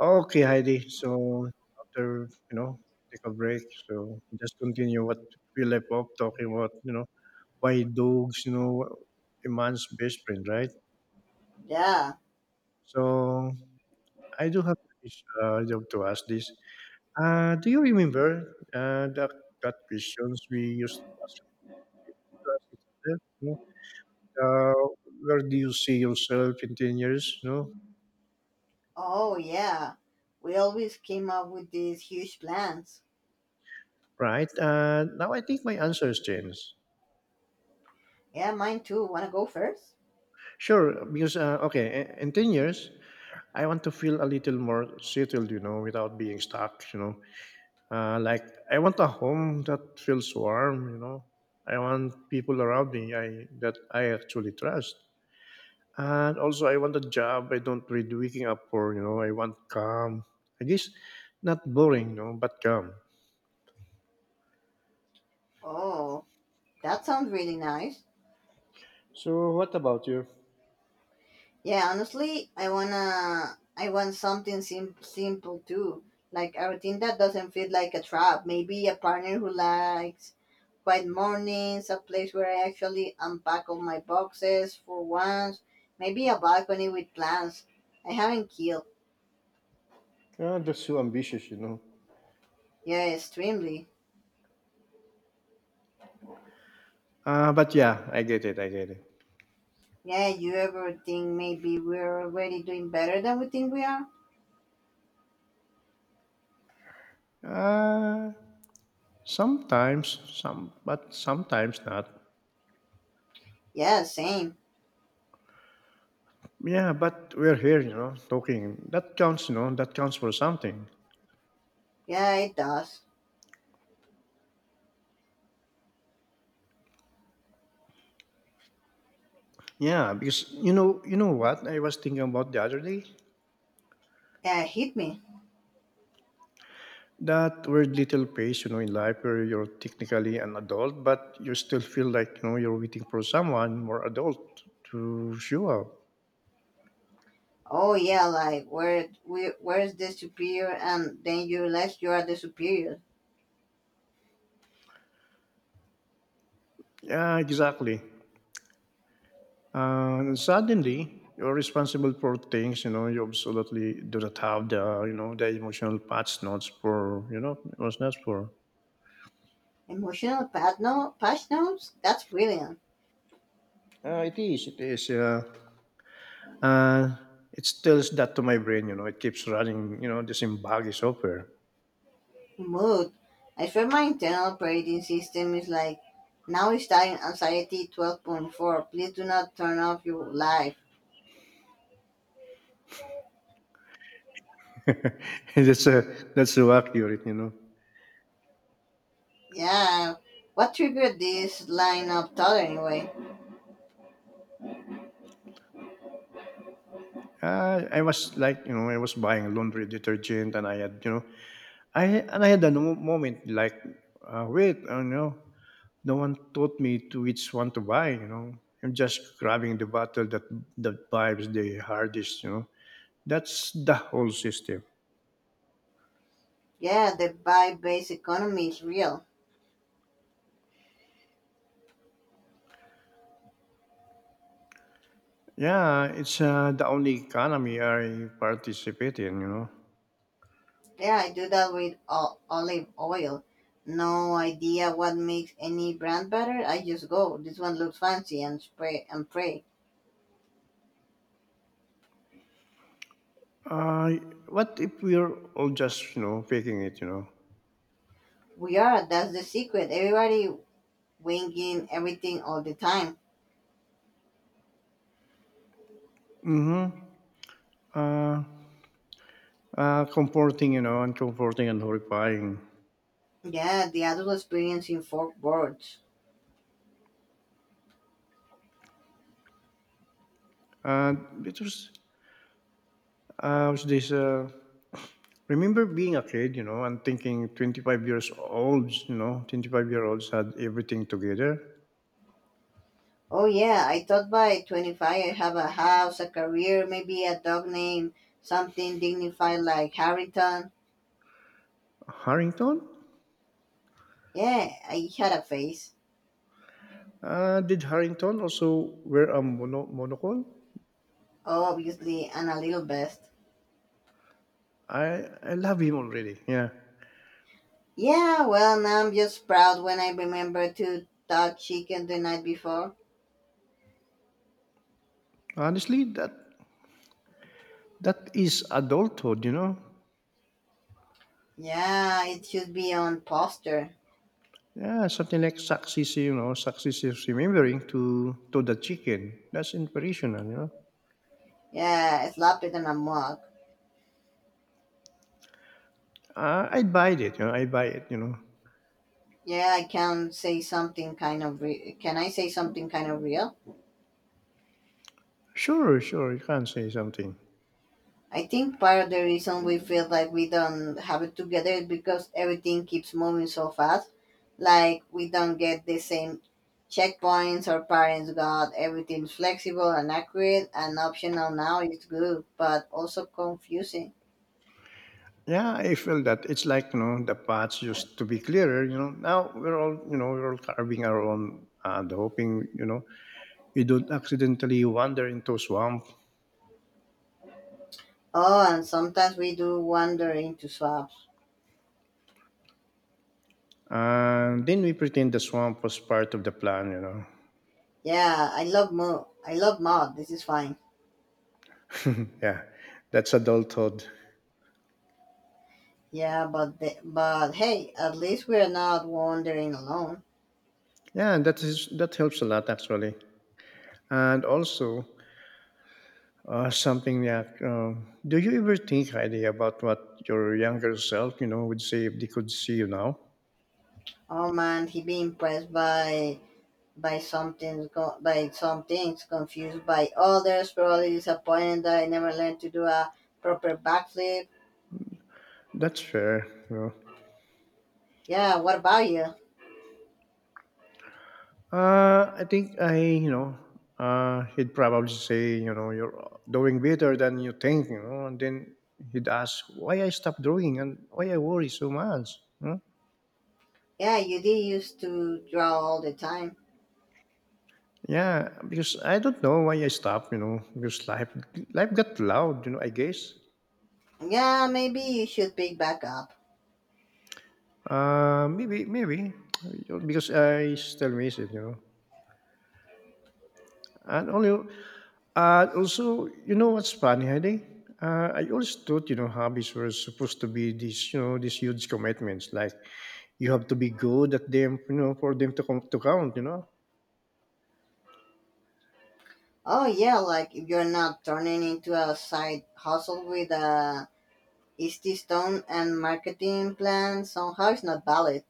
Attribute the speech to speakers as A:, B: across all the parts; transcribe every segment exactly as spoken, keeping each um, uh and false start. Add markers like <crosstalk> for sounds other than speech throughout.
A: Okay, Heidi. So after you know, take a break. So just continue what we left off talking about. You know, why dogs? You know, a man's best friend, right?
B: Yeah.
A: So I do have this uh, job to ask this. Uh, do you remember uh, that that questions we used to ask to ask each other? You know, uh, where do you see yourself in ten years? You know,
B: Oh, yeah. We always came up with these huge plans.
A: right? Uh, now I think my answer has changed.
B: Yeah, mine too. Wanna go first?
A: Sure, because uh, okay, i- in ten years. I want to feel a little more settled, you know, without being stuck, you know. Uh, like, I want a home that feels warm, you know. I want people around me I, that I actually trust. And also, I want a job I don't read waking up for, you know. I want calm. I guess not boring, you know, but calm.
B: Oh, that sounds really nice.
A: So, what about you?
B: Yeah, honestly, I wanna. I want something sim- simple too, like a routine that doesn't feel like a trap. Maybe a partner who likes quiet mornings, a place where I actually unpack all my boxes for once. Maybe a balcony with plants. I haven't killed.
A: Uh, that's so ambitious, you know.
B: Yeah, extremely.
A: Uh, but yeah, I get it, I get it.
B: Yeah, you ever think maybe we're already doing better than we think we are?
A: Uh, Sometimes, some, but sometimes not.
B: Yeah, same.
A: Yeah, but we're here, you know, talking. That counts, you know, that counts for something.
B: Yeah, it does.
A: Yeah, because you know, you know what I was thinking about the other day?
B: Yeah, it hit me.
A: That weird little phase, you know, in life where you're technically an adult, but you still feel like, you know, you're waiting for someone more adult to show up.
B: Oh yeah, like where we where's the superior, and then you realize you are the superior.
A: Yeah, exactly. And suddenly you're responsible for things, you know, you absolutely do not have the, you know, the emotional patch notes for, you know, it was not for.
B: Emotional pat no patch notes? That's brilliant.
A: Uh, it is, it is, yeah. Uh, it tells that to my brain, you know, it keeps running, you know, the same buggy software.
B: Mood. I swear my internal operating system is like now it's starting anxiety twelve point four. Please do not turn off your life.
A: <laughs> that's uh, that's so accurate, you know.
B: Yeah. What triggered this line of thought anyway?
A: Uh, I was like, you know, I was buying laundry detergent, and I had, you know, I and I had a mo- moment like, uh, wait, oh no, no one taught me to which one to buy, you know. I'm just grabbing the bottle that that vibes the hardest, you know. That's the whole system.
B: Yeah, the buy-based economy is real.
A: Yeah, it's uh, the only economy I participate in, you know.
B: Yeah, I do that with o- olive oil. No idea what makes any brand better. I just go. This one looks fancy and spray and pray.
A: Uh, what if we're all just, you know, faking it, you know?
B: We are. That's the secret. Everybody winging everything all the time.
A: Mm-hmm. Uh, uh, Comforting, you know, and comforting and horrifying.
B: Yeah, the adult experience in four words.
A: Uh, it was, uh, was this, uh, remember being a kid, you know, and thinking twenty-five years olds, you know, twenty-five year olds had everything together.
B: Oh yeah, I thought by twenty-five I have a house, a career, maybe a dog name, something dignified like Harrington.
A: Harrington?
B: Yeah, I had a face.
A: Uh, did Harrington also wear a mono- monocle?
B: Obviously, and a little best.
A: I, I love him already, yeah.
B: Yeah, well, now I'm just proud when I remember to touch chicken the night before.
A: Honestly, that that is adulthood, you know?
B: Yeah, it should be on poster.
A: Yeah, something like success, you know, success is remembering to to the chicken. That's inspirational, you know.
B: Yeah, slap it on a mug.
A: Uh, I'd buy it, you know, I buy it, you know.
B: Yeah, I can say something kind of re- can I say something kind of real?
A: Sure, sure, you can say something.
B: I think part of the reason we feel like we don't have it together is because everything keeps moving so fast. Like we don't get the same checkpoints our parents got. Everything's flexible and accurate and optional now is good, but also confusing.
A: Yeah, I feel that it's like, you know, the paths used to be clearer, you know. Now we're all, you know, we're all carving our own and hoping, you know, we don't accidentally wander into swamp.
B: Oh, and sometimes we do wander into swaps.
A: And then we pretend the swamp was part of the plan, you know.
B: Yeah, I love mo. I love mod. This is fine.
A: <laughs> yeah, that's adulthood.
B: Yeah, but the, but hey, at least we're not wandering alone.
A: Yeah, and that is that helps a lot actually. And also, uh, something that um, do you ever think, Heidi, about what your younger self, you know, would say if they could see you now?
B: Oh man, he'd be impressed by by something's go- by some things, confused by others, probably disappointed that I never learned to do a proper backflip.
A: That's fair. You
B: Yeah, what about you?
A: know. Uh, I think I, you know, uh, he'd probably say, you know, you're doing better than you think, you know, and then he'd ask why I stopped drawing and why I worry so much. You know?
B: Yeah, you did used to draw all the time.
A: Yeah, because I don't know why I stopped, you know, because life life got loud, you know, I guess.
B: Yeah, maybe you should pick back up.
A: Uh, maybe, maybe because I still miss it, you know. And only, uh, also, you know what's funny, Heidi? Uh, I always thought, you know, hobbies were supposed to be these, you know, these huge commitments. Like you have to be good at them, you know, for them to come to count, you know.
B: Oh yeah, like if you're not turning into a side hustle with a Easty Stone and marketing plan, somehow it's not valid.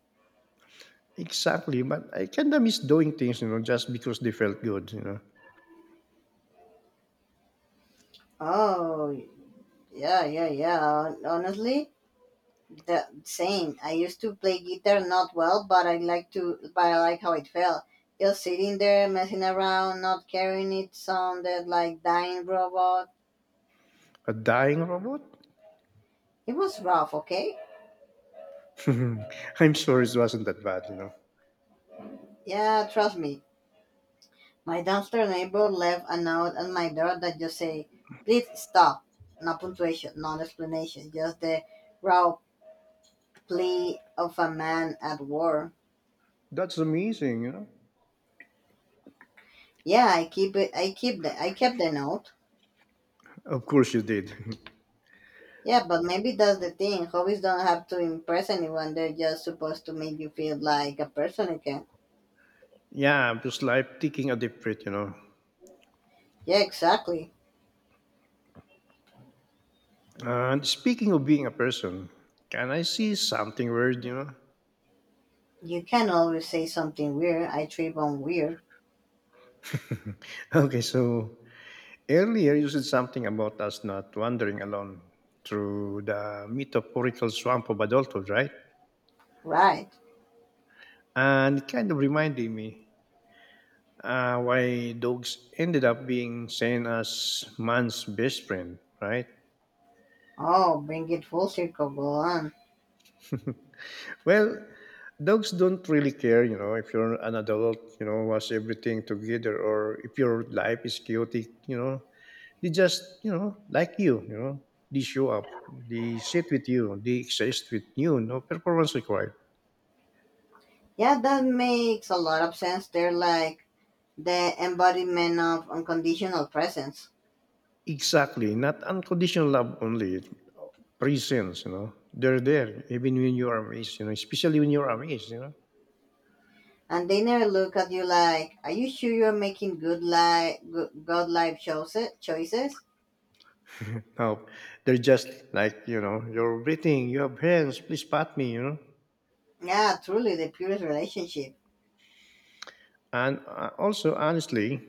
A: Exactly, but I kinda miss doing things, you know, just because they felt good, you know.
B: Oh yeah, yeah, yeah. Honestly, the same. I used to play guitar not well, but I like to but I like how it felt. Just sitting there messing around, not caring it sounded like dying robot.
A: A dying robot?
B: It was rough, okay?
A: <laughs> I'm sure it wasn't that bad, you know.
B: Yeah, trust me. My downstairs neighbor left a note at my door that just say, please stop. No punctuation, no explanation, just the raw plea of a man at war.
A: That's amazing, you know.
B: Yeah, I keep it I keep the I kept the note.
A: Of course you did. <laughs>
B: Yeah, but maybe that's the thing. Hobbies don't have to impress anyone. They're just supposed to make you feel like a person again.
A: Yeah, just life taking a deep breath, you know.
B: Yeah, exactly.
A: And speaking of being a person, can I see something weird, you know? <laughs>
B: You can always say something weird. I trip on weird.
A: Okay, so earlier you said something about us not wandering alone through the metaphorical swamp of adulthood, right?
B: Right.
A: And it kind of reminded me uh, why dogs ended up being seen as man's best friend, right?
B: Oh, bring it full circle. Go on.
A: <laughs> Well, dogs don't really care, you know, if you're an adult, you know, wants everything together, or if your life is chaotic, you know, they just, you know, like you, you know, they show up, they sit with you, they exist with you, no performance required.
B: Yeah, that makes a lot of sense. They're like the embodiment of unconditional presence.
A: Exactly, not unconditional love only, presence, you know, they're there even when you're amazed, you know, especially when you're amazed, you know.
B: And they never look at you like, are you sure you're making good life, good, good life choices? Choices?
A: Now, they're just like, you know, you're breathing, you have hands, please pat me, you know.
B: Yeah, truly the purest relationship.
A: And uh, also, honestly,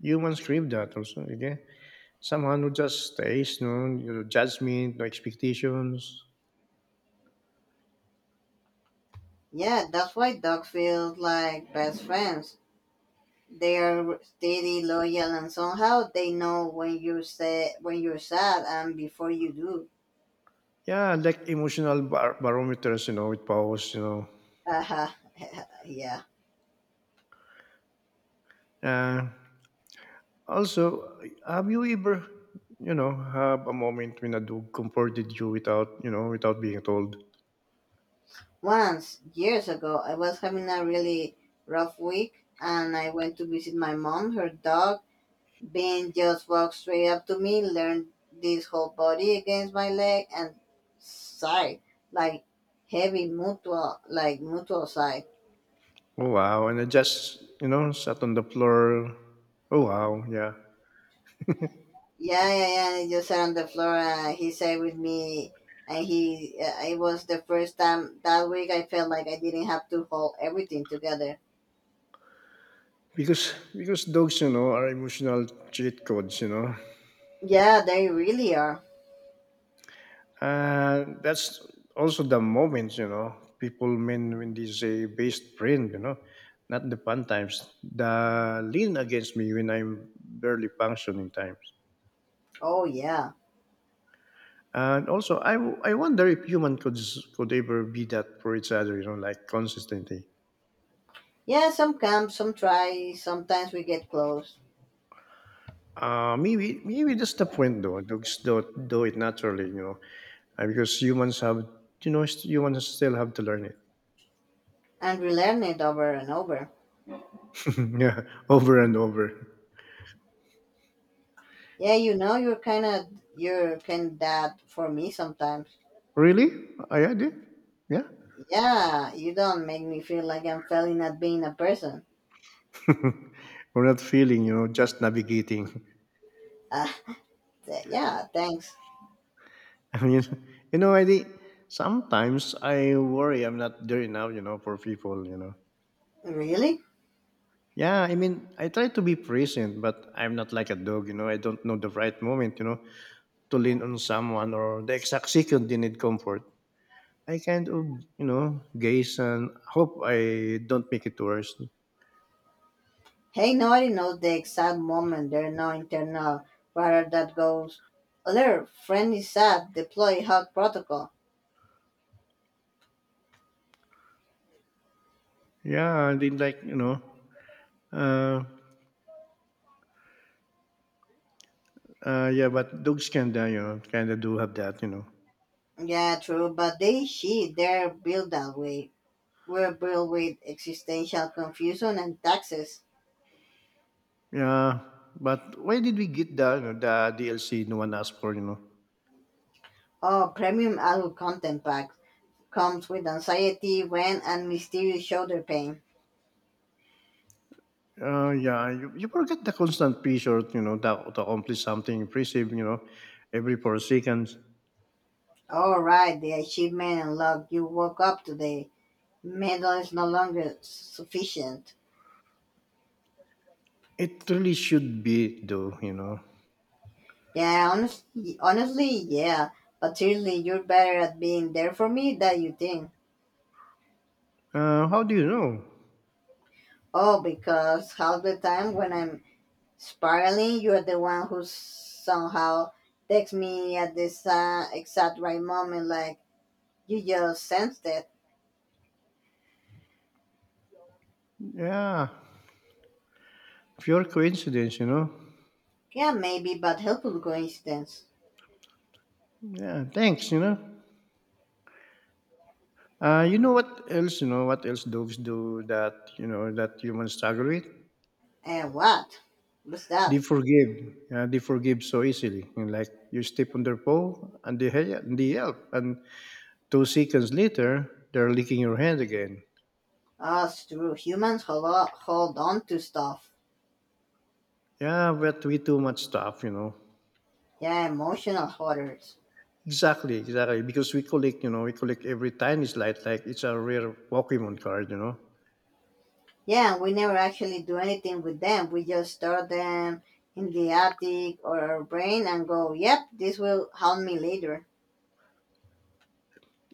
A: humans crave that also. Okay, someone who just stays, no, you know, your judgment, no expectations.
B: Yeah, that's why dogs feel like best friends. They are steady, loyal, and somehow they know when you're sad, when you're sad, and before you do.
A: Yeah, like emotional bar- barometers, you know, with pause, you know.
B: Haha, yeah.
A: Uh, Also, have you ever, you know, have a moment when a dog comforted you without, you know, without being told?
B: Once years ago, I was having a really rough week, and I went to visit my mom. Her dog, Ben, just walked straight up to me, leaned his whole body against my leg, and sighed like heavy mutual, like mutual sigh.
A: Oh wow! And I just, you know, sat on the floor. Oh wow! Yeah,
B: Yeah, yeah, yeah. I just sat on the floor. Uh, he sat with me, and he. Uh, it was the first time that week I felt like I didn't have to hold everything together.
A: because because dogs, you know, are emotional cheat codes, you know.
B: Yeah, they really are.
A: And that's also the moments, you know, people mean when they say based print, you know, not the fun times. The lean against me when I'm barely functioning times.
B: Oh yeah,
A: And also, I, w- I wonder if human could s- could ever be that for each other, you know, like consistently.
B: yeah. Some come, some try. Sometimes we get close,
A: Uh, maybe maybe that's the point though. Dogs don't do it naturally, you know, uh, because humans have you know st- humans still have to learn it,
B: and we learn it over and over.
A: <laughs> yeah, over and over.
B: Yeah, you know, you're kind of you're kind of that for me sometimes.
A: Really, Oh, yeah, I had it. Yeah.
B: Yeah, you don't make me feel like I'm failing at being a person.
A: <laughs> We're not feeling, you know, just navigating.
B: Ah, th- yeah. Thanks.
A: <laughs> I mean, you know, I think sometimes I worry I'm not there enough, you know, for people, you know.
B: Really.
A: Yeah, I mean, I try to be present, but I'm not like a dog, you know. I don't know the right moment, you know, to lean on someone or the exact second they need comfort. I kind of, you know, gaze and hope I don't make it worse.
B: Nobody knows the exact moment. There's no internal radar that goes, alert, friend is sad, deploy hug protocol.
A: Yeah, I did like, you know, uh, uh, yeah, but dogs can, uh, you know, kind of do have that, you know.
B: Yeah, true, but they, she, they're built that way. We're built with existential confusion and taxes.
A: Yeah, but why did we get the you know, the D L C no one asked for? You know.
B: Oh, premium adult content pack comes with anxiety, when, and mysterious shoulder pain.
A: Uh, yeah, you, you forget the constant pressure, you know, that, to accomplish something impressive, you know, every four seconds.
B: All right, the achievement and love you woke up today. Medal is no longer sufficient.
A: It really should be, though, you know.
B: Yeah, honestly, honestly, yeah. But seriously, you're better at being there for me than you think.
A: Uh, how do you know?
B: Oh, because half the time when I'm spiraling, you're the one who somehow texts me at this uh, exact right moment, like you just sensed it.
A: Yeah, pure coincidence, you know.
B: Yeah, maybe, but helpful coincidence.
A: Yeah, thanks, you know. Uh, you know what else, you know, what else dogs do that, you know, that humans struggle with?
B: And what? What's
A: They
B: that?
A: forgive. Yeah, they forgive so easily. And like you step on their paw and they, hel- they help. And two seconds later, they're licking your hand again.
B: Us true humans hold, o- hold on to stuff.
A: Yeah, but we do much stuff, you know.
B: Yeah, emotional hoarders.
A: Exactly, exactly. Because we collect, you know, we collect every tiny slide like it's a rare Pokemon card, you know.
B: Yeah, we never actually do anything with them. We just store them in the attic or our brain and go, "Yep, this will help me later."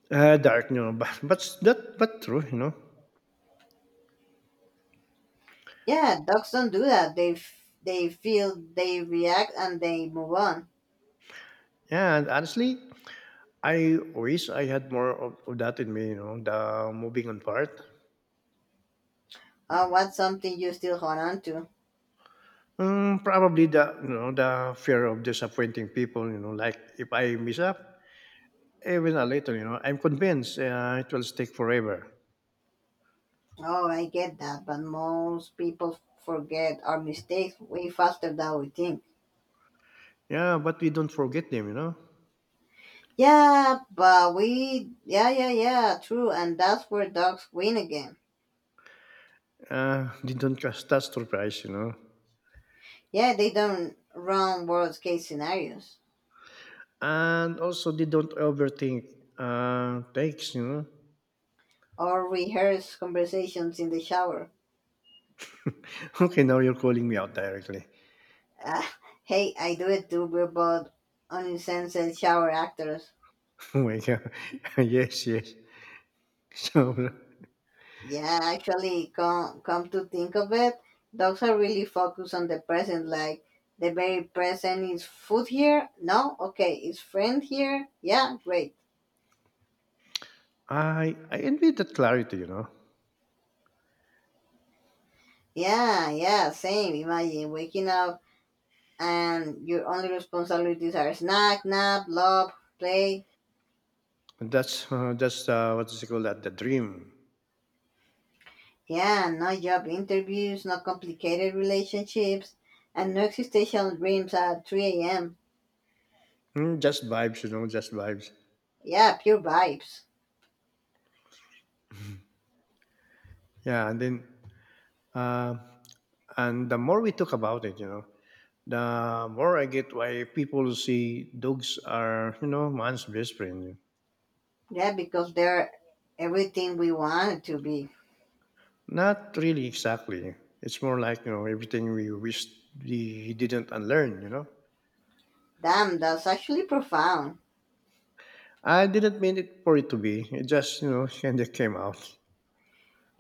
A: Uh, dark, you know, <laughs> but but that but true, you know.
B: Yeah, dogs don't do that. They f- they feel, they react, and they move on.
A: Yeah, and honestly, I wish I had more of, of that in me, you know, the moving on part.
B: Uh, what's something you still hold on to?
A: Mm, probably the you know the fear of disappointing people. You know, like if I mess up, even a little, you know, I'm convinced uh, it will stick forever.
B: Oh, I get that, but most people forget our mistakes way faster than we think.
A: Yeah, but we don't forget them. You know,
B: Yeah, but we, yeah, yeah, yeah, true, and that's where dogs win again.
A: uh, they don't trust that surprise. You know,
B: Yeah, they don't run worst case scenarios.
A: and also they don't overthink uh, takes. You know. <laughs>
B: Or rehearse conversations in the shower.
A: Okay, now you're calling me out directly. <laughs>
B: Ah, hey, I do it too. We're both unlicensed shower actors.
A: Oh my god. <laughs> yes, yes. So
B: Yeah, actually, come come to think of it, dogs are really focused on the present. Like the very present is food here. No, okay, is friend here? Yeah, great.
A: I I envy that clarity. You know,
B: Yeah, yeah, same. Imagine waking up and your only responsibilities are snack, nap, love, play.
A: that's uh, that's uh, what is it called that the dream
B: Yeah, no job interviews, no complicated relationships, and no existential dreams at three a m.
A: Mm, just vibes, you know, just vibes.
B: Yeah, pure vibes.
A: Yeah, and then uh, and the more we talk about it, you know, the more I get why people see dogs are, you know, man's best friend.
B: Yeah, because they're everything we want to be.
A: Not really exactly. It's more like you know everything we wished we didn't unlearn. You know,
B: Damn, that's actually profound.
A: I didn't mean it for it to be. It just you know <laughs> kind of came out.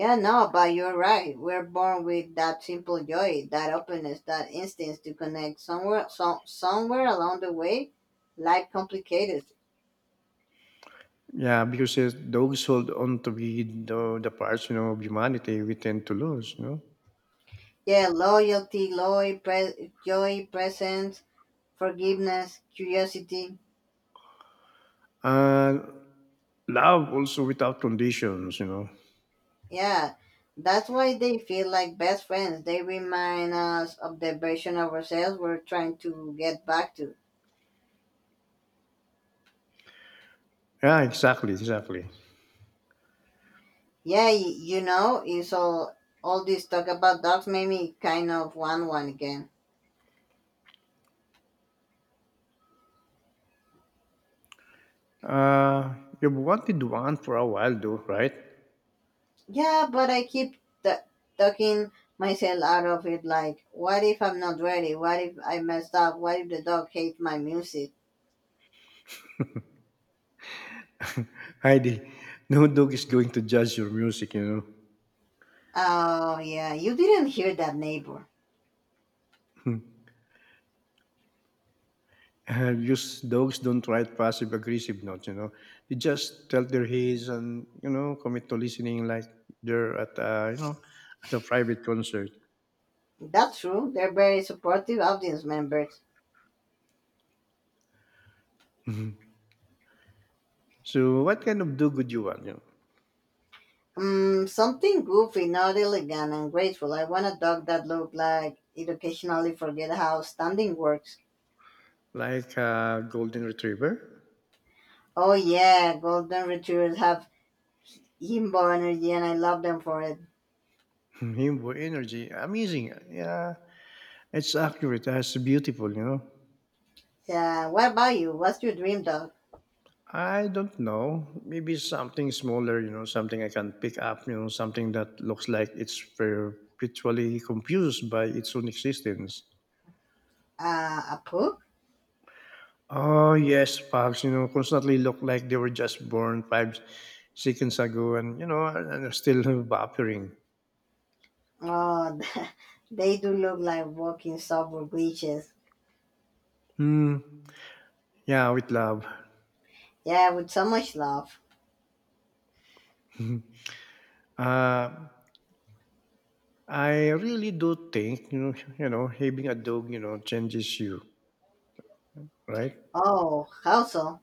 B: Yeah, no, but you're right. We're born with that simple joy, that openness, that instinct to connect. Somewhere, so, somewhere along the way, life complicated.
A: Yeah, because uh, dogs hold on to be the, the parts you know of humanity we tend to lose. You know.
B: Yeah, loyalty, joy, pre- joy, presence, forgiveness, curiosity.
A: And Love also without conditions, you know.
B: Yeah, that's why they feel like best friends. They remind us of the version of ourselves we're trying to get back to.
A: Yeah, exactly, exactly.
B: Yeah, y- you know, it's all all this talk about dogs made me kind of want one again.
A: Uh, you've wanted one for a while, though, right?
B: Yeah, but I keep t- talking myself out of it. Like, what if I'm not ready? What if I messed up? What if the dog hates my music?
A: Heidi, no dog is going to judge your music, you
B: Oh yeah, you didn't hear that neighbor.
A: know. <laughs> Uh, Just dogs don't write passive aggressive notes, you know. They just tell their heads and, you know, commit to listening like they're at, a, you know, at a private concert. <laughs>
B: That's true. They're very supportive audience members.
A: Mhm. So, what kind of dog would you want? You know,
B: Um, something goofy, not elegant and graceful. I want a dog that look like it occasionally forget how standing works.
A: like a golden retriever.
B: Oh yeah, golden retrievers have himbo energy, and I love them for it.
A: <laughs> Himbo energy, amazing. Yeah, it's accurate. It's beautiful, you know.
B: Yeah, what about you? What's your dream dog?
A: I don't know. Maybe something smaller, you know, something I can pick up, you know, something that looks like it's perpetually confused by its own existence.
B: Uh, a pug?
A: Oh, yes, Pogs, you know, constantly look like they were just born five seconds ago and, you know, and and are still <laughs> vaporing.
B: Oh, <laughs> they do look like walking software glitches.
A: Hmm. Yeah, with love.
B: Yeah, with so much love.
A: Uh, I really do think, you know, you know, having a dog, you know, changes you, right?
B: Oh, how so?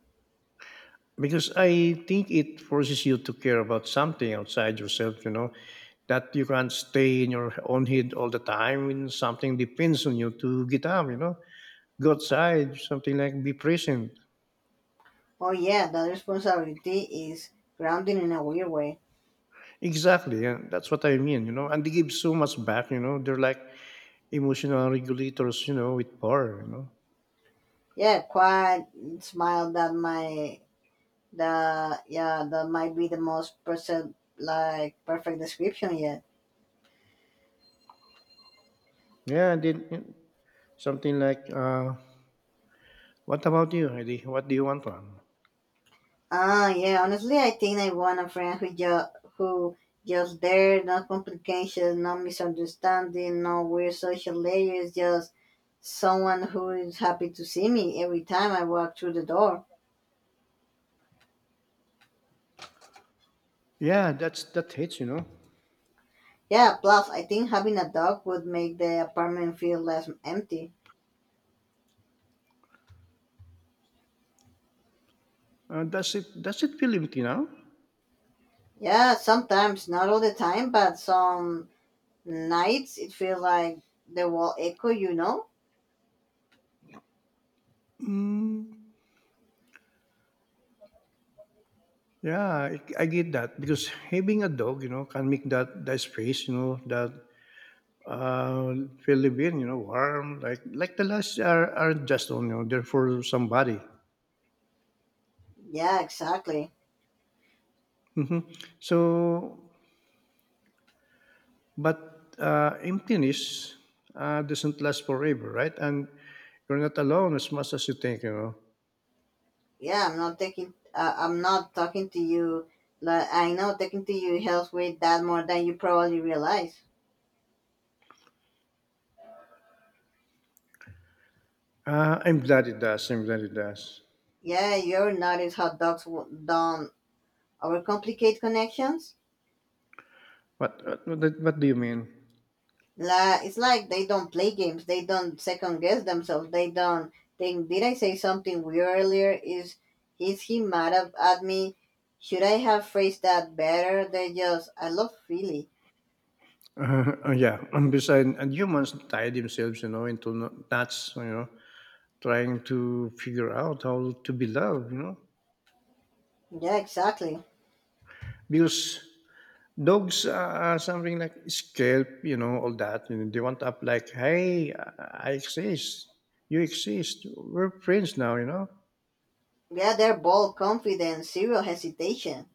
A: Because I think it forces you to care about something outside yourself, you know, that you can't stay in your own head all the time when something depends on you to get up, you know, go outside, something like be present.
B: Oh yeah, that responsibility is grounding in a weird way.
A: Exactly. Yeah, that's what I mean, you know, and they give so much back, you know, they're like emotional regulators, you know, with power, you know.
B: Yeah, quiet smile that my. The Yeah, that might be the most perfect like perfect description yet.
A: Yeah, and then yeah, something like, uh, what about you, Heidi? What do you want, man?
B: Ah, yeah. Honestly, I think I want a friend who just who just there, no complications, no misunderstanding, no weird social layers. Just someone who is happy to see me every time I walk through the door.
A: Yeah, that's that hits, you know.
B: Yeah. Plus, I think having a dog would make the apartment feel less empty.
A: Uh, does it does it feel empty now?
B: Yeah. Sometimes, not all the time, but some nights it feels like the wall echo. You know.
A: Mm, Yeah, I, I get that because having a dog, you know, can make that that space, you know, that uh feel live in, you know, warm. Like like the last are are just on, you know, they're for somebody.
B: Yeah, exactly.
A: Hmm. So, but uh, emptiness uh, doesn't last forever, right? And you're not alone as much as you think, you know.
B: Yeah, I'm not taking. Uh, I'm not talking to you. Like, I know talking to you helps with that more than you probably realize.
A: Uh, I'm glad it does. I'm glad it does.
B: Yeah, you ever notice how dogs w- don't overcomplicate connections?
A: What what, what, what do you mean? <laughs>
B: La, it's like they don't play games. They don't second guess themselves. They don't think, did I say something weird earlier? Is is he mad ab- at me? Should I have phrased that better? They just, I love Philly.
A: Uh, uh, yeah, and besides, and humans tie themselves, you know, into no- knots, you know, trying to figure out how to be loved, you know.
B: Yeah, exactly.
A: Because dogs are something like scalp, you know, all that. And they want up like, hey, I I exist. You exist. We're friends now, you know.
B: Yeah, they're bold, confident, zero hesitation.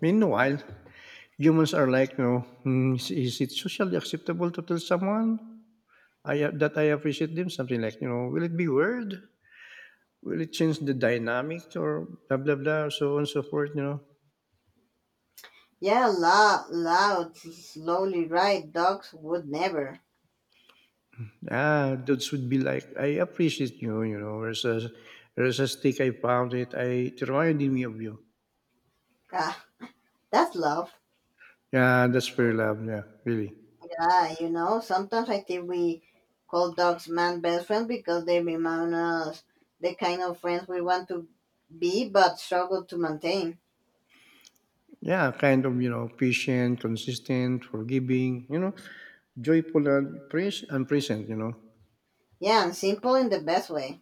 A: Meanwhile, humans are like, you know, "Hmm, is, is it socially acceptable to tell someone I that I appreciate them? Something like, you know, will it be weird? Will it change the dynamic or blah, blah, blah, so on and so forth, you know?"
B: Yeah, loud, loud, slowly right. Dogs would never.
A: Ah, those would be like, I appreciate you, you know, there's a, there's a stick, I found it, I, it reminded me of you.
B: Ah, that's love.
A: Yeah, that's fair love, yeah, really.
B: Yeah, you know, sometimes I think we call dogs man best friends because they remind us the kind of friends we want to be but struggle to maintain.
A: Yeah, kind of, you know, patient, consistent, forgiving, you know, joyful and, pres- and present, you know.
B: Yeah, and simple in the best way.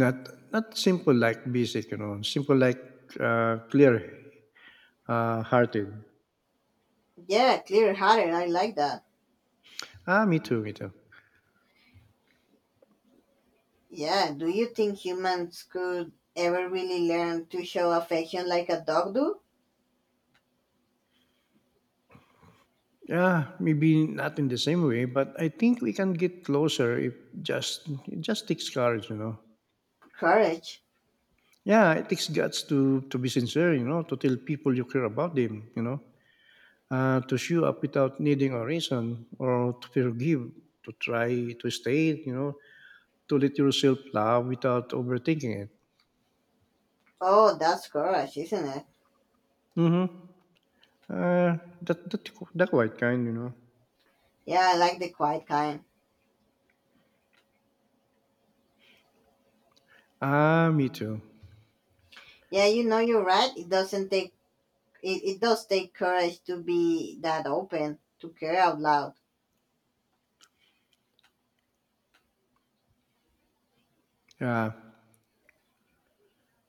A: Not, not simple like basic, you know, simple like uh, clear uh, hearted.
B: Yeah, clear hearted. I like that.
A: Ah, me too, me too.
B: Yeah, do you think humans could ever really learn to show affection like a dog do?
A: Yeah, maybe not in the same way, but I think we can get closer if just, it just takes courage, you know.
B: Courage.
A: Yeah, it takes guts to to be sincere, you know, to tell people you care about them, you know, uh, to show up without needing a reason, or to forgive, to try to stay, you know, to let yourself love without overthinking it.
B: Oh, that's courage, isn't it?
A: Mm-hmm. Uh, that that that quite kind, you know.
B: Yeah, I like the quiet kind.
A: Ah, me too.
B: Yeah, you know you're right. It doesn't take it, it does take courage to be that open, to care out loud.
A: Yeah.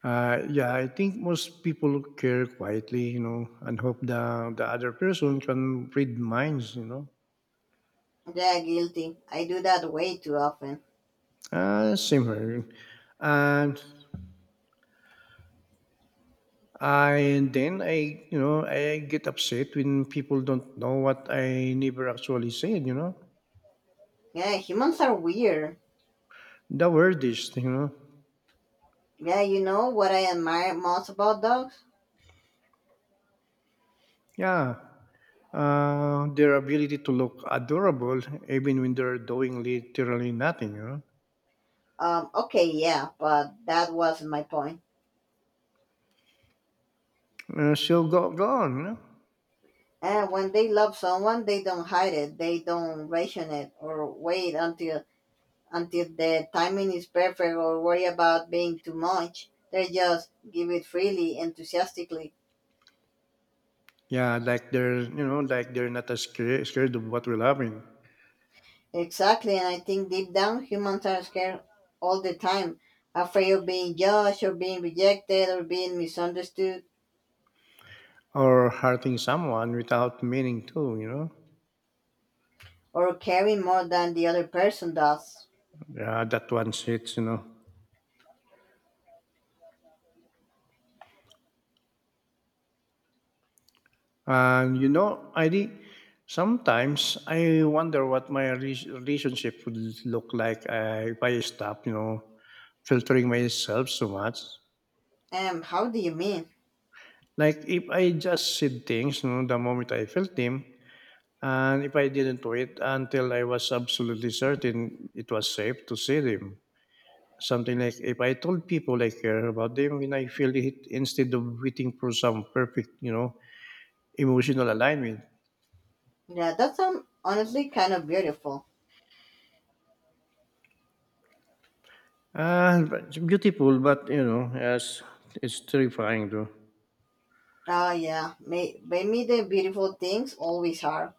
A: Uh, yeah, I think most people care quietly, you know, and hope the the other person can read minds, you know.
B: Yeah, guilty. I do that way too often.
A: Uh, same here. And And then I, you know, I get upset when people don't know what I never actually said, you know.
B: Yeah, humans are weird.
A: The wordiest, you know.
B: Yeah, you know what I admire most about dogs?
A: Yeah. Uh, their ability to look adorable even when they're doing literally nothing, you know.
B: Um, okay, yeah, but that wasn't my point.
A: Uh, so go, go on, you know.
B: And when they love someone, they don't hide it. They don't ration it or wait until until the timing is perfect or worry about being too much. They just give it freely, enthusiastically.
A: Yeah, like they're, you know, like they're not as scared, scared of what will happen
B: Exactly, and I think deep down humans are scared all the time, afraid of being judged or being rejected or being misunderstood
A: or hurting someone without meaning to, you know.
B: or caring more than the other person does.
A: Yeah, that one hits, you know. And you know, I sometimes I wonder what my re- relationship would look like uh, if I stop, you know, filtering myself so much.
B: Um, how do you mean?
A: Like if I just said things, you know, the moment I felt them, and if I didn't wait until I was absolutely certain it was safe to say them. Something like if I told people I care about them when I feel it instead of waiting for some perfect, you know, emotional alignment.
B: Yeah, that's um, honestly kind of beautiful.
A: Uh, but it's beautiful, but you know, yes, it's terrifying though.
B: Oh yeah, may, maybe the beautiful things always are.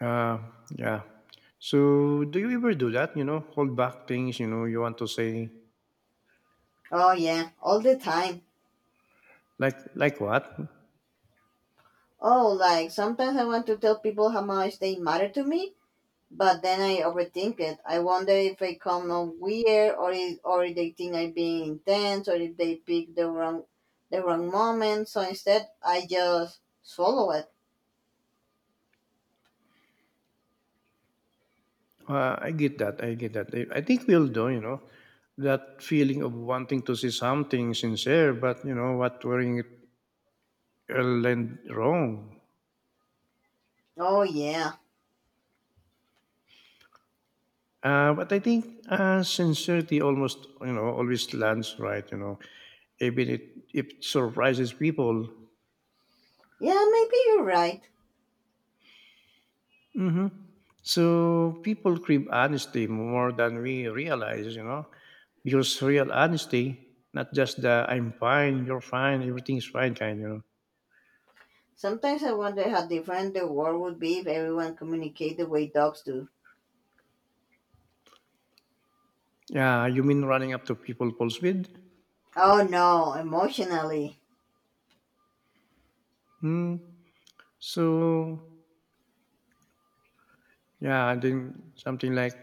A: Uh, yeah. So, do you ever do that? You know, hold back things. You know, you want to say
B: Oh yeah, all the time.
A: like like what?
B: Oh, like sometimes I want to tell people how much they matter to me, but then I overthink it. I wonder if I come off weird, or if, or if they think I'm being intense, or if they pick the wrong, the wrong moment. So instead, I just swallow it.
A: Uh, I get that. I get that. I, I think we'll do. You know, that feeling of wanting to say something sincere, but you know what, wearing it will end wrong.
B: Oh yeah,
A: Uh, but I think uh, sincerity almost, you know, always lands right. You know, even it, if it surprises people.
B: yeah, maybe you're right.
A: Hmm. So people crave honesty more than we realize, you know, because real honesty, not just the "I'm fine, you're fine, everything's fine" kind, you know.
B: Sometimes I wonder how different the world would be if everyone communicate the way dogs do.
A: Yeah, you mean running up to people pulse with?
B: Oh no, emotionally.
A: Hmm. So yeah, and then something like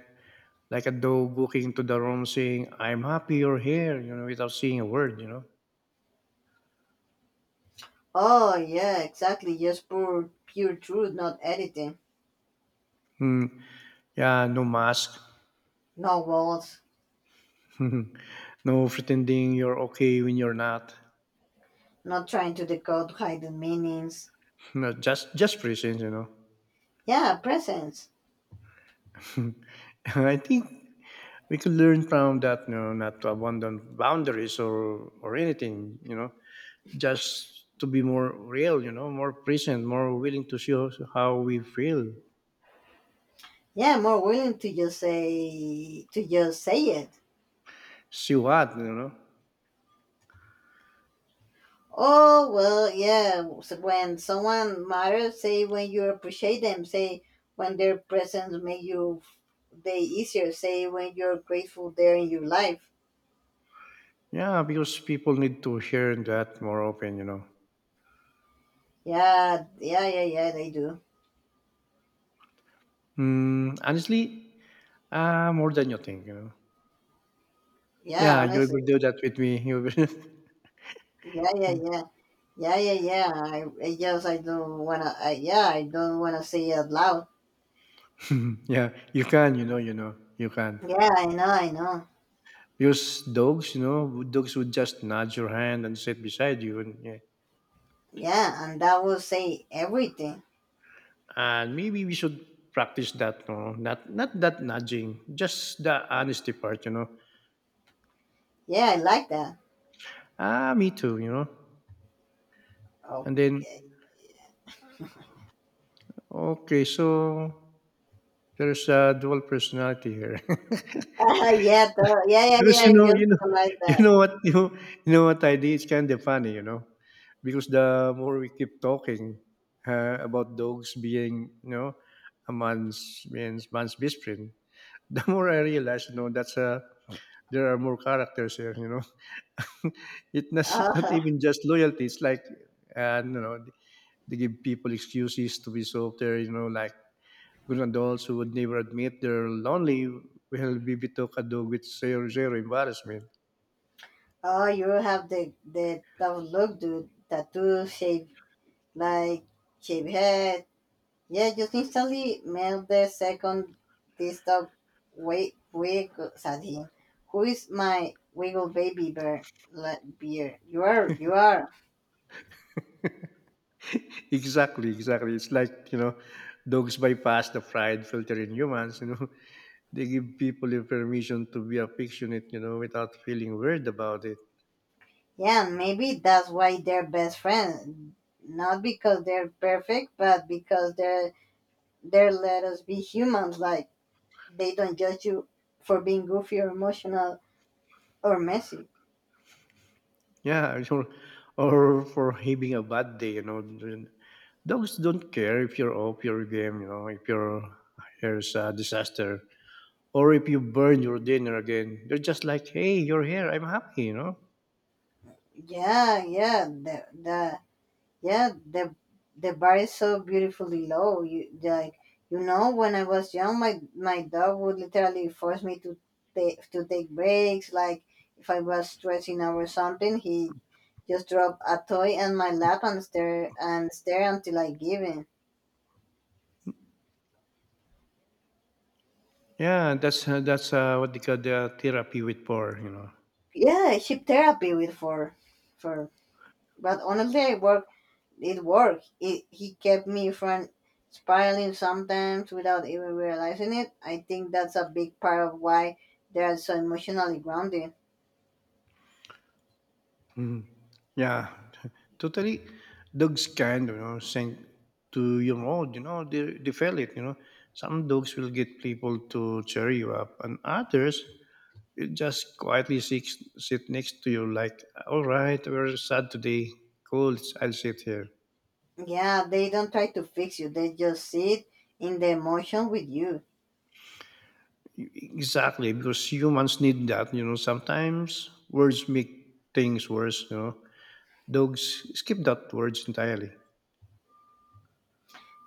A: like a dog walking into the room saying, "I'm happy you're here," you know, without saying a word, you know.
B: Oh yeah, exactly. Just pure, pure truth, not editing.
A: Hmm. Yeah, no mask.
B: No walls.
A: <laughs> No pretending you're okay when you're not. <laughs>
B: Not trying to decode hidden meanings.
A: No, just just presence, you know.
B: Yeah, presence.
A: <laughs> <laughs> I think we could learn from that, you know, not to abandon boundaries or or anything, you know, just to be more real, you know, more present, more willing to see us- how we feel,
B: Yeah, more willing to just say to just say it.
A: see what, you know.
B: Oh well, yeah. So when someone matters, say when you appreciate them. Say when their presence make you day easier. Say when you're grateful they're in your life.
A: Yeah, because people need to hear that more often, you know.
B: Yeah, yeah, yeah, yeah. They do.
A: Mm, honestly, uh, more than you think, you know.
B: Yeah,
A: Yeah, you will
B: honestly.
A: do that with me. You will
B: Yeah, yeah, yeah, yeah, yeah, yeah. I, I just I don't wanna. I, yeah, I don't wanna say it out loud.
A: <laughs> yeah, you can, you know, you know, you can.
B: Yeah, I know, I know.
A: Because dogs, you know, dogs would just nudge your hand and sit beside you, and yeah.
B: Yeah, and that will say everything.
A: And maybe we should practice that, no? Not not that nudging, just the honesty part, you know.
B: Yeah, I like that.
A: Ah, me too, you know. And then
B: Okay. <laughs>
A: okay, so there's a dual personality here. <laughs>
B: Uh, yeah, the, yeah, yeah, yeah.
A: Because you
B: I
A: know, you
B: just
A: know,
B: realized
A: <laughs> you
B: that.
A: know
B: <laughs>
A: what you you know what I did. It's kind of funny, you know, because the more we keep talking uh, about dogs being, you know, a man's man's man's best friend, <laughs> the more I realize, you know, that's uh, there are more characters here. You know, <laughs> it not, not
B: Uh,
A: even just loyalty. It's like, uh, you know, they give people excuses to be so there. You know, like good adults who would never admit they're lonely will be bitokado with zero zero embarrassment.
B: oh, you have the the tough look, dude. Tattoo shape, like shape head. Yeah, just instantly melt the second this dog wait wiggles at him. Who is my wiggle baby bear? La, beer? You are, you are.
A: <laughs> Exactly, exactly. It's like you know, dogs bypass the pride filter in humans. You know, <laughs> they give people the permission to be affectionate. You know, without feeling weird about it.
B: Yeah, maybe that's why they're best friends. Not because they're perfect, but because they're they're let us be humans. Like they don't judge you for being goofy or emotional or messy.
A: Yeah, <laughs> or or for having a bad day, you know. Then Dogs don't care if you're off your game, you know, if your hair's a disaster, or if you burn your dinner again. They're just like, hey, you're here, I'm happy, you know.
B: Yeah, yeah, that that yeah the the bar is so beautifully low you like you know when I was young my my dog would literally force me to take to take breaks like if I was stressing out or something he just drop a toy in my lap and stare and stare until I give in.
A: Yeah, that's uh, that's uh, what they call the therapy with porn, you know.
B: Yeah, ship therapy with for for, but honestly I work it worked. It He kept me from spiraling sometimes without even realizing it. I think that's a big part of why they are so emotionally grounded.
A: Mhm. Yeah, <laughs> totally. Dogs kind, you know, send to your mood, you know, they, they feel it, you know. Some dogs will get people to cheer you up, and others it just quietly sit, sit next to you like, all right, we're sad today, cool, I'll sit here.
B: Yeah, they don't try to fix you. They just sit in the emotion with you.
A: E, exactly, because humans need that, you know, sometimes words make things worse, you know. Dogs skip that words entirely.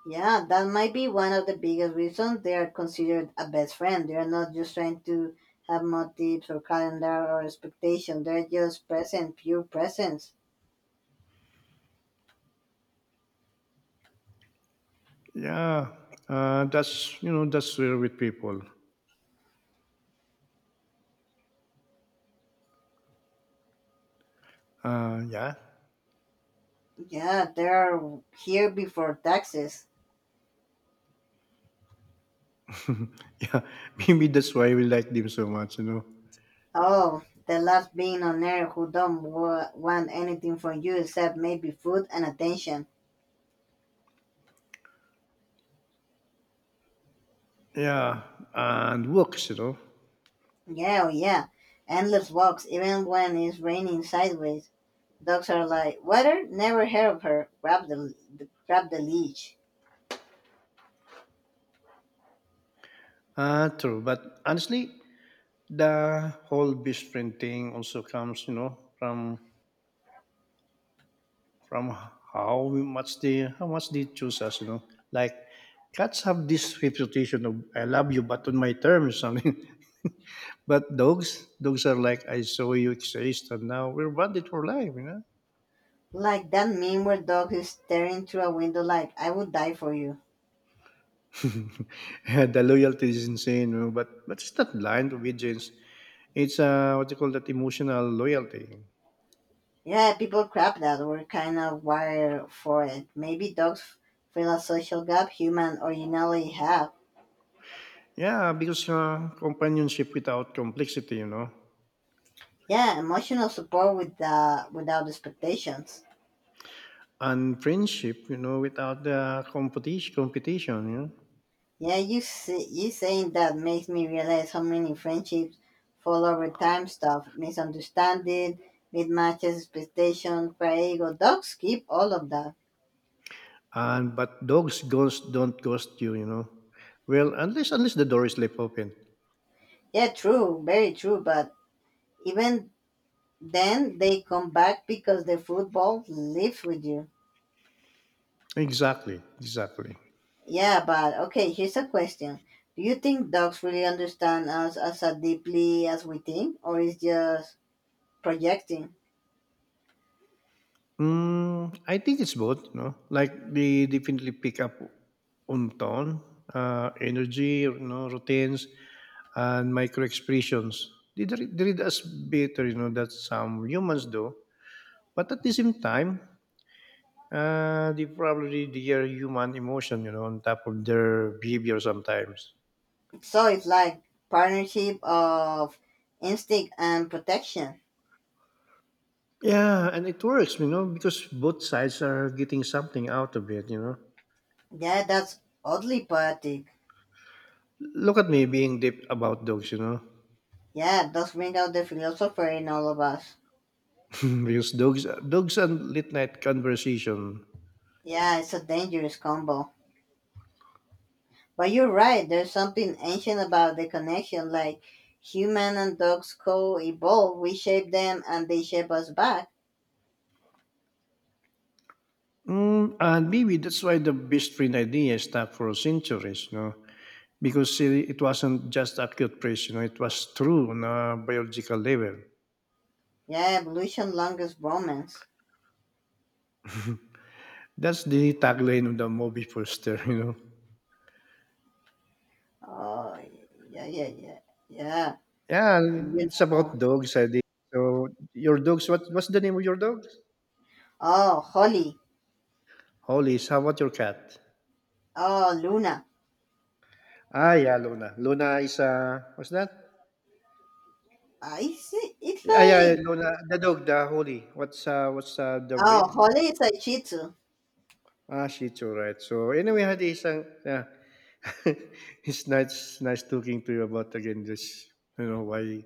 B: Yeah, that might be one of the biggest reasons they are considered a best friend. They are not just trying to have motives or calendar or expectation. They're just present, pure presence.
A: Yeah, uh, that's you know that's real with people. Uh, yeah.
B: Yeah, they're here before taxes.
A: <laughs> Yeah, maybe that's why we like them so much, you know.
B: Oh, the last being on earth who don't wa- want anything from you except maybe food and attention.
A: Yeah, and works, you know.
B: Yeah, oh yeah. Endless walks, even when it's raining sideways. Dogs are like, water? Never heard of her. Grab the, grab the leash.
A: Uh, true but honestly the whole best thing also comes you know from from how we- much they how much they choose us, you know, like cats have this reputation of "I love you but on my terms" something. <laughs> But dogs, dogs are like, I saw you exist and now we're bonded for life, you know.
B: Like that meme where dog is staring through a window like, I would die for you.
A: <laughs> The loyalty is insane, you know, but but it's not blind obedience, it's uh what you call that, emotional loyalty.
B: Yeah, people crap that. We're kind of wired for it. Maybe dogs fill a social gap human originally have.
A: Yeah because uh, companionship without complexity, you know.
B: Yeah, emotional support with uh, without expectations.
A: And friendship, you know, without the competition, competition, you know.
B: Yeah, you see you saying that makes me realize how many friendships fall over time stuff misunderstanding mismatches expectation pride ego dogs keep all of that.
A: And but dogs ghost don't ghost you, you know. Well, unless unless the door is left open.
B: Yeah, true, very true, but even then they come back because the football lives with you.
A: Exactly, exactly.
B: Yeah, but okay, here's a question, do you think dogs really understand us as a deeply as we think or is just projecting?
A: Mm, I think it's both, you know. Like they definitely pick up on tone, uh, energy, you know, routines, and micro expressions. They, re- they read us better, you know, that some humans do. But at the same time, Uh, they probably their human emotion, you know, on top of their behavior sometimes.
B: So it's like partnership of instinct and protection.
A: Yeah, and it works, you know, because both sides are getting something out of it, you know.
B: Yeah, that's oddly poetic.
A: Look at me being deep about dogs, you know.
B: Yeah, it does bring out the philosopher in all of us.
A: <laughs> Because dogs, dogs and late night conversation.
B: Yeah, it's a dangerous combo. But you're right, there's something ancient about the connection, like human and dogs co evolve, we shape them and they shape us back.
A: Mm, and maybe that's why the best friend idea stuck for centuries, you know, because it it wasn't just a cute phrase, you know, it was true on a biological level.
B: Yeah, evolution longest romance.
A: That's the tagline of the movie poster, <laughs> you know.
B: Oh yeah, yeah, yeah, yeah.
A: Yeah,
B: You
A: it's
B: know,
A: about dogs, I think. So your dogs, what what's the name of your dogs?
B: oh, Holly.
A: Hollies. How about your cat?
B: Oh, Luna.
A: Ah, yeah, Luna. Luna is uh, what's that?
B: I see. It's
A: Ah, yeah, yeah,
B: like
A: Luna. The dog, the Holly. What's uh, what's uh, the
B: oh,
A: breed?
B: Holly is a cheat too.
A: Ah, Shih Tzu, right. So anyway, Hadi, isang yeah. <laughs> It's nice, nice talking to you about again this. You know why,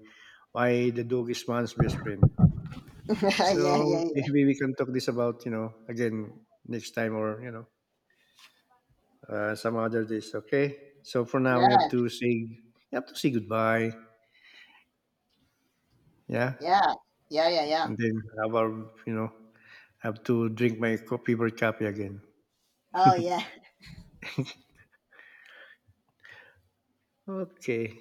A: why the dog is man's best friend.
B: <laughs> Yeah, yeah,
A: So
B: yeah,
A: maybe we can talk this about you know again next time or you know. Uh, some other days. Okay. So for now, we have
B: yeah,
A: to say you have to say goodbye. Yeah,
B: yeah, yeah, yeah, yeah.
A: and then have our you know have to drink my co- favorite coffee again.
B: Oh yeah.
A: <laughs> Okay.